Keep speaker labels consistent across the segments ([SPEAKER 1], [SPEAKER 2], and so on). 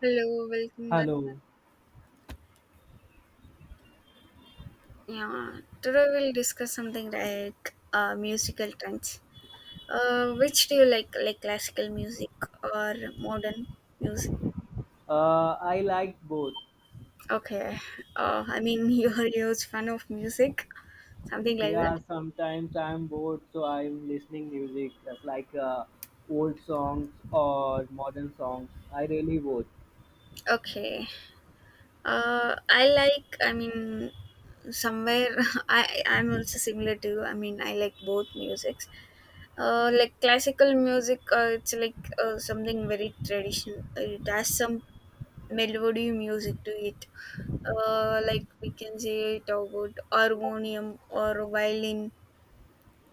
[SPEAKER 1] Hello, welcome back.
[SPEAKER 2] Hello.
[SPEAKER 1] Yeah, today we'll discuss something like musical trends. Which do you like classical music or modern music?
[SPEAKER 2] I like both.
[SPEAKER 1] Okay, I mean you're a huge fan of music, something like that.
[SPEAKER 2] Yeah, sometimes I'm bored, so I'm listening music. That's like old songs or modern songs. I really both.
[SPEAKER 1] Okay, I like. I mean, somewhere I'm also similar to you. I mean, I like both musics. Like classical music, it's like something very traditional. It has some melody music to it, like we can say it about harmonium or violin.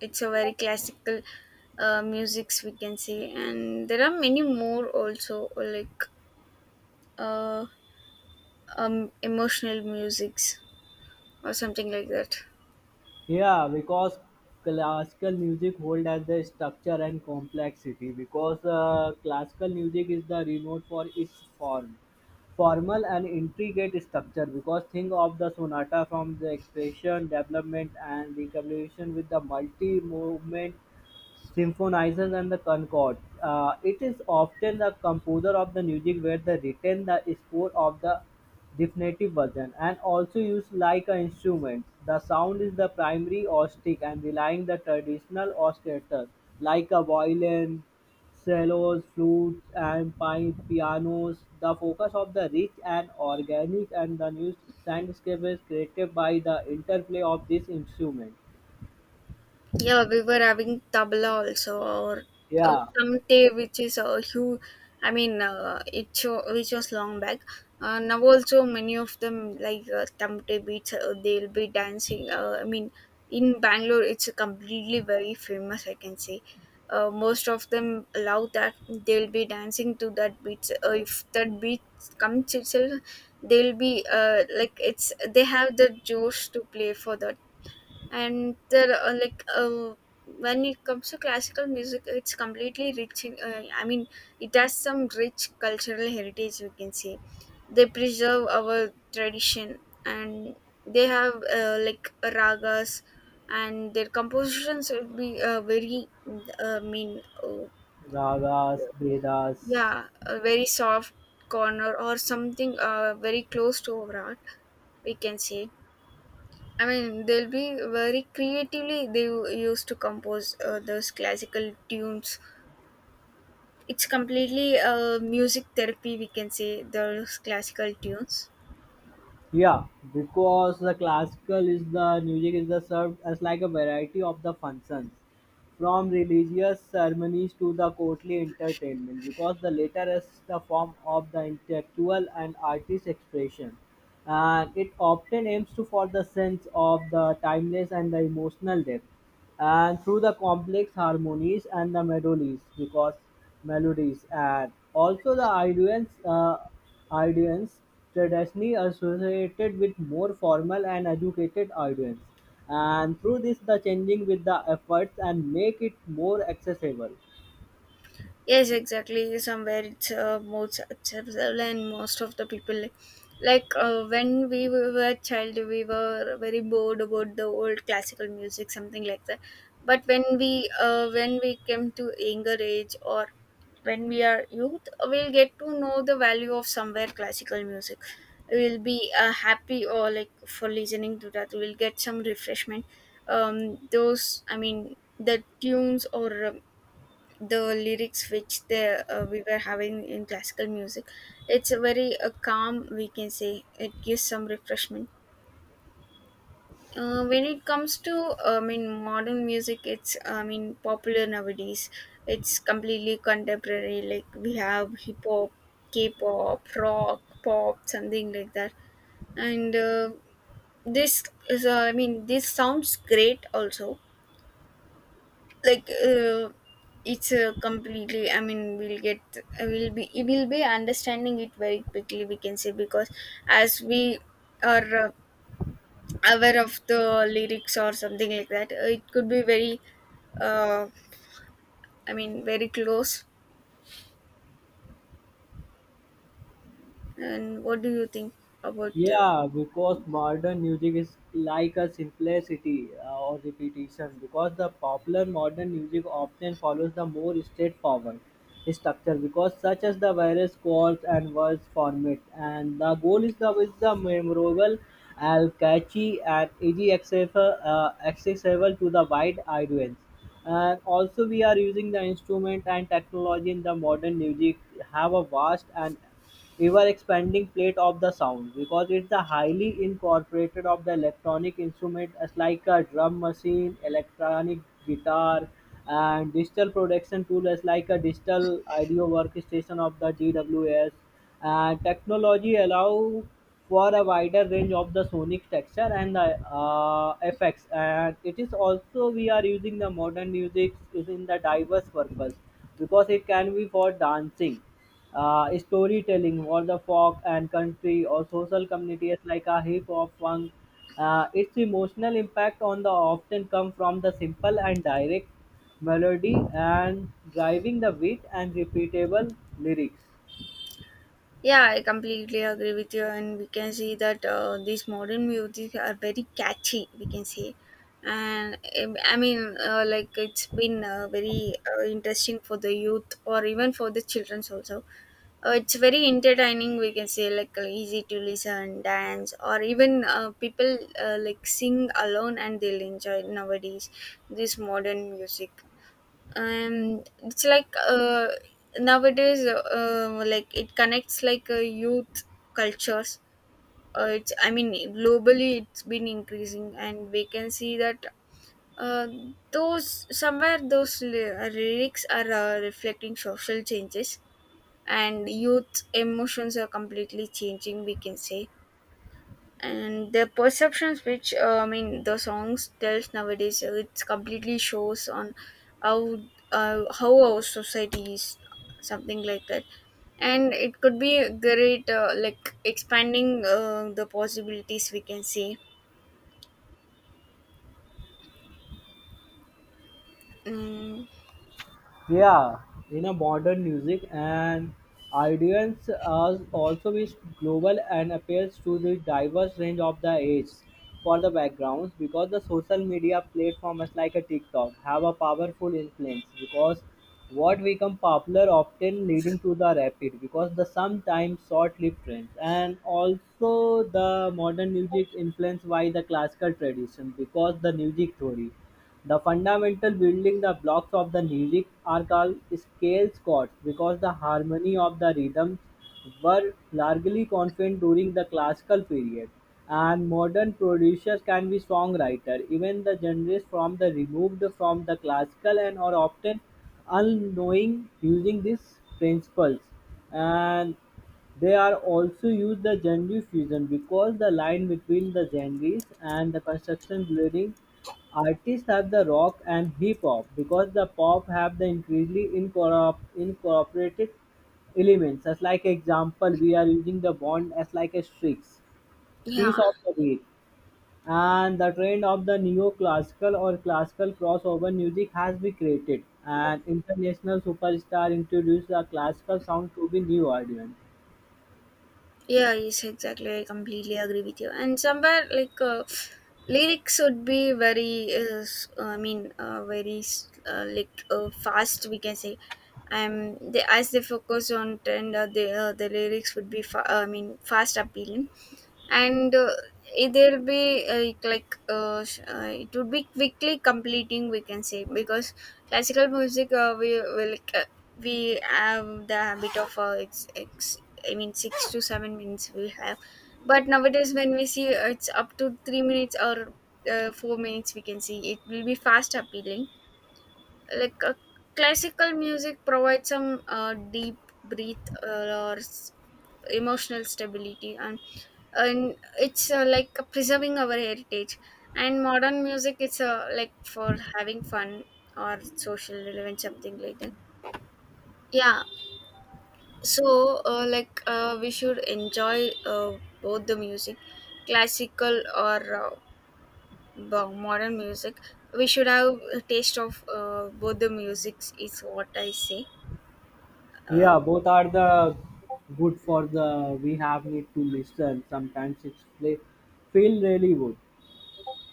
[SPEAKER 1] It's a very classical musics we can say, and there are many more also like uh, emotional musics or something like that.
[SPEAKER 2] Yeah, because classical music hold as the structure and complexity. Because classical music is the remote for its form formal and intricate structure because think of the sonata from the expression development and recapitulation with the multi movement Symphonizers and the concords. It is often the composer of the music where they written the score of the definitive version, and also used like instruments. The sound is the primary acoustic and relying the traditional orchestra like a violin, cellos, flutes, and pianos. The focus of the rich and organic and the new soundscape is created by the interplay of this instrument.
[SPEAKER 1] Yeah, we were having tabla also, or
[SPEAKER 2] Yeah.
[SPEAKER 1] tamte, which is a huge. I mean, it show, which was long back. Now also many of them like tamte beats. They'll be dancing. I mean, in Bangalore, it's completely very famous. I can say. Most of them love that, they'll be dancing to that beats. If that beat comes itself, they'll be like it's they have the josh to play for that, and there are like when it comes to classical music it's completely rich in I mean it has some rich cultural heritage we can say. They preserve our tradition, and they have like ragas, and their compositions would be very I mean
[SPEAKER 2] Ragas, Vedas.
[SPEAKER 1] yeah, a very soft corner or something, very close to our art we can say. I mean, they'll be very creatively. Used to compose those classical tunes. It's completely music therapy, we can say, those classical tunes.
[SPEAKER 2] Yeah, because the classical is the music is the served as like a variety of the functions, from religious ceremonies to the courtly entertainment. Because the latter is the form of the intellectual and artist expression, and it often aims to for the sense of the timeless and the emotional depth, and through the complex harmonies and the melodies. Because melodies and also the Iranians, Iranians traditionally associated with more formal and educated audience, and through this the changing with the efforts and make it more accessible.
[SPEAKER 1] Yes, exactly. Somewhere it's more acceptable, and most of the people like when we were a child, we were very bored about the old classical music, something like that. But when we came to younger age or when we are youth, we'll get to know the value of somewhere classical music. We'll be happy or like for listening to that. We'll get some refreshment. Those I mean the tunes or the lyrics which they we were having in classical music, it's a very calm we can say, it gives some refreshment. When it comes to I mean modern music, it's I mean popular nowadays. It's completely contemporary, like we have hip hop, k-pop, rock, pop, something like that. And this is I mean this sounds great also, like it's completely I mean we'll get, we'll be understanding it very quickly we can say, because as we are aware of the lyrics or something like that, it could be very uh, I mean very close. And what do you think about
[SPEAKER 2] Yeah, because modern music is like a simplicity or repetition. Because the popular modern music often follows the more straightforward structure, because such as the various chords and verse format, and the goal is the memorable, and catchy, and easy accessible, accessible to the wide audience, and also we are using the instrument and technology in the modern music have a vast and ever expanding plate of the sound because it's the highly incorporated of the electronic instrument as like a drum machine, electronic guitar, and digital production tool as like a digital audio workstation of the DWS, and technology allow for a wider range of the sonic texture and the effects. And it is also we are using the modern music is in the diverse purpose because it can be for dancing, storytelling for the folk and country or social communities like a hip hop funk. Its emotional impact on the often come from the simple and direct melody and driving the beat and repeatable lyrics.
[SPEAKER 1] yeah, I completely agree with you, and we can see that these modern music are very catchy. We can say, and I mean, like it's been very interesting for the youth or even for the childrens also. It's very entertaining. We can say like easy to listen, dance, or even people like sing alone, and they'll enjoy nowadays this modern music. And it's like nowadays like it connects like youth cultures. It's I mean globally it's been increasing, and we can see that uh, those somewhere lyrics are reflecting social changes, and youth emotions are completely changing we can say. And the perceptions which I mean the songs tells nowadays, it's completely shows on how how our society is, something like that. And it could be a great like expanding the possibilities we can see. mm,
[SPEAKER 2] Yeah, in a modern music and audience has also is global and appeals to the diverse range of the age for the backgrounds because the social media platforms like a TikTok have a powerful influence because what become popular often leading to the rapid because the sometimes short-lived trends. And also the modern music influenced by the classical tradition because the music theory the fundamental building blocks of the lyric are called scale chords because the harmony of the rhythms were largely constant during the classical period, and modern producers can be songwriters. Even the genres from the removed from the classical and are often unknowing using these principles. And they are also used the genre fusion because the line between the genres and the construction blurring. Artists have the rock and hip hop because the pop have the increasingly incorporated elements. As like example, we are using the bond as like a strix piece
[SPEAKER 1] yeah
[SPEAKER 2] of the beat, and the trend of the neoclassical or classical crossover music has been created. And international superstar introduced the classical sound to the new audience.
[SPEAKER 1] yeah, yes, exactly. I completely agree with you. And somewhere like lyrics would be very, I mean, like fast. We can say, they as they focus on trend, the lyrics would be, I mean, fast appealing. And there'll be like it would be quickly completing we can say, because classical music we will like, we have the habit of it's I mean 6 to 7 minutes we have, but nowadays when we see it's up to 3 minutes or 4 minutes we can see, it will be fast appealing, like classical music provides some deep breath emotional stability. And it's like preserving our heritage, and modern music it's like for having fun or social relevance, something like that. Yeah, so like we should enjoy both the music, classical or modern music. We should have a taste of both the musics is what I say. Uh,
[SPEAKER 2] Yeah, both are the good for the we have need to listen. Sometimes it's play feel really good.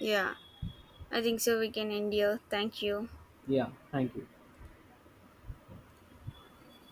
[SPEAKER 1] yeah, I think so. We can end here. Thank you.
[SPEAKER 2] Yeah, thank you.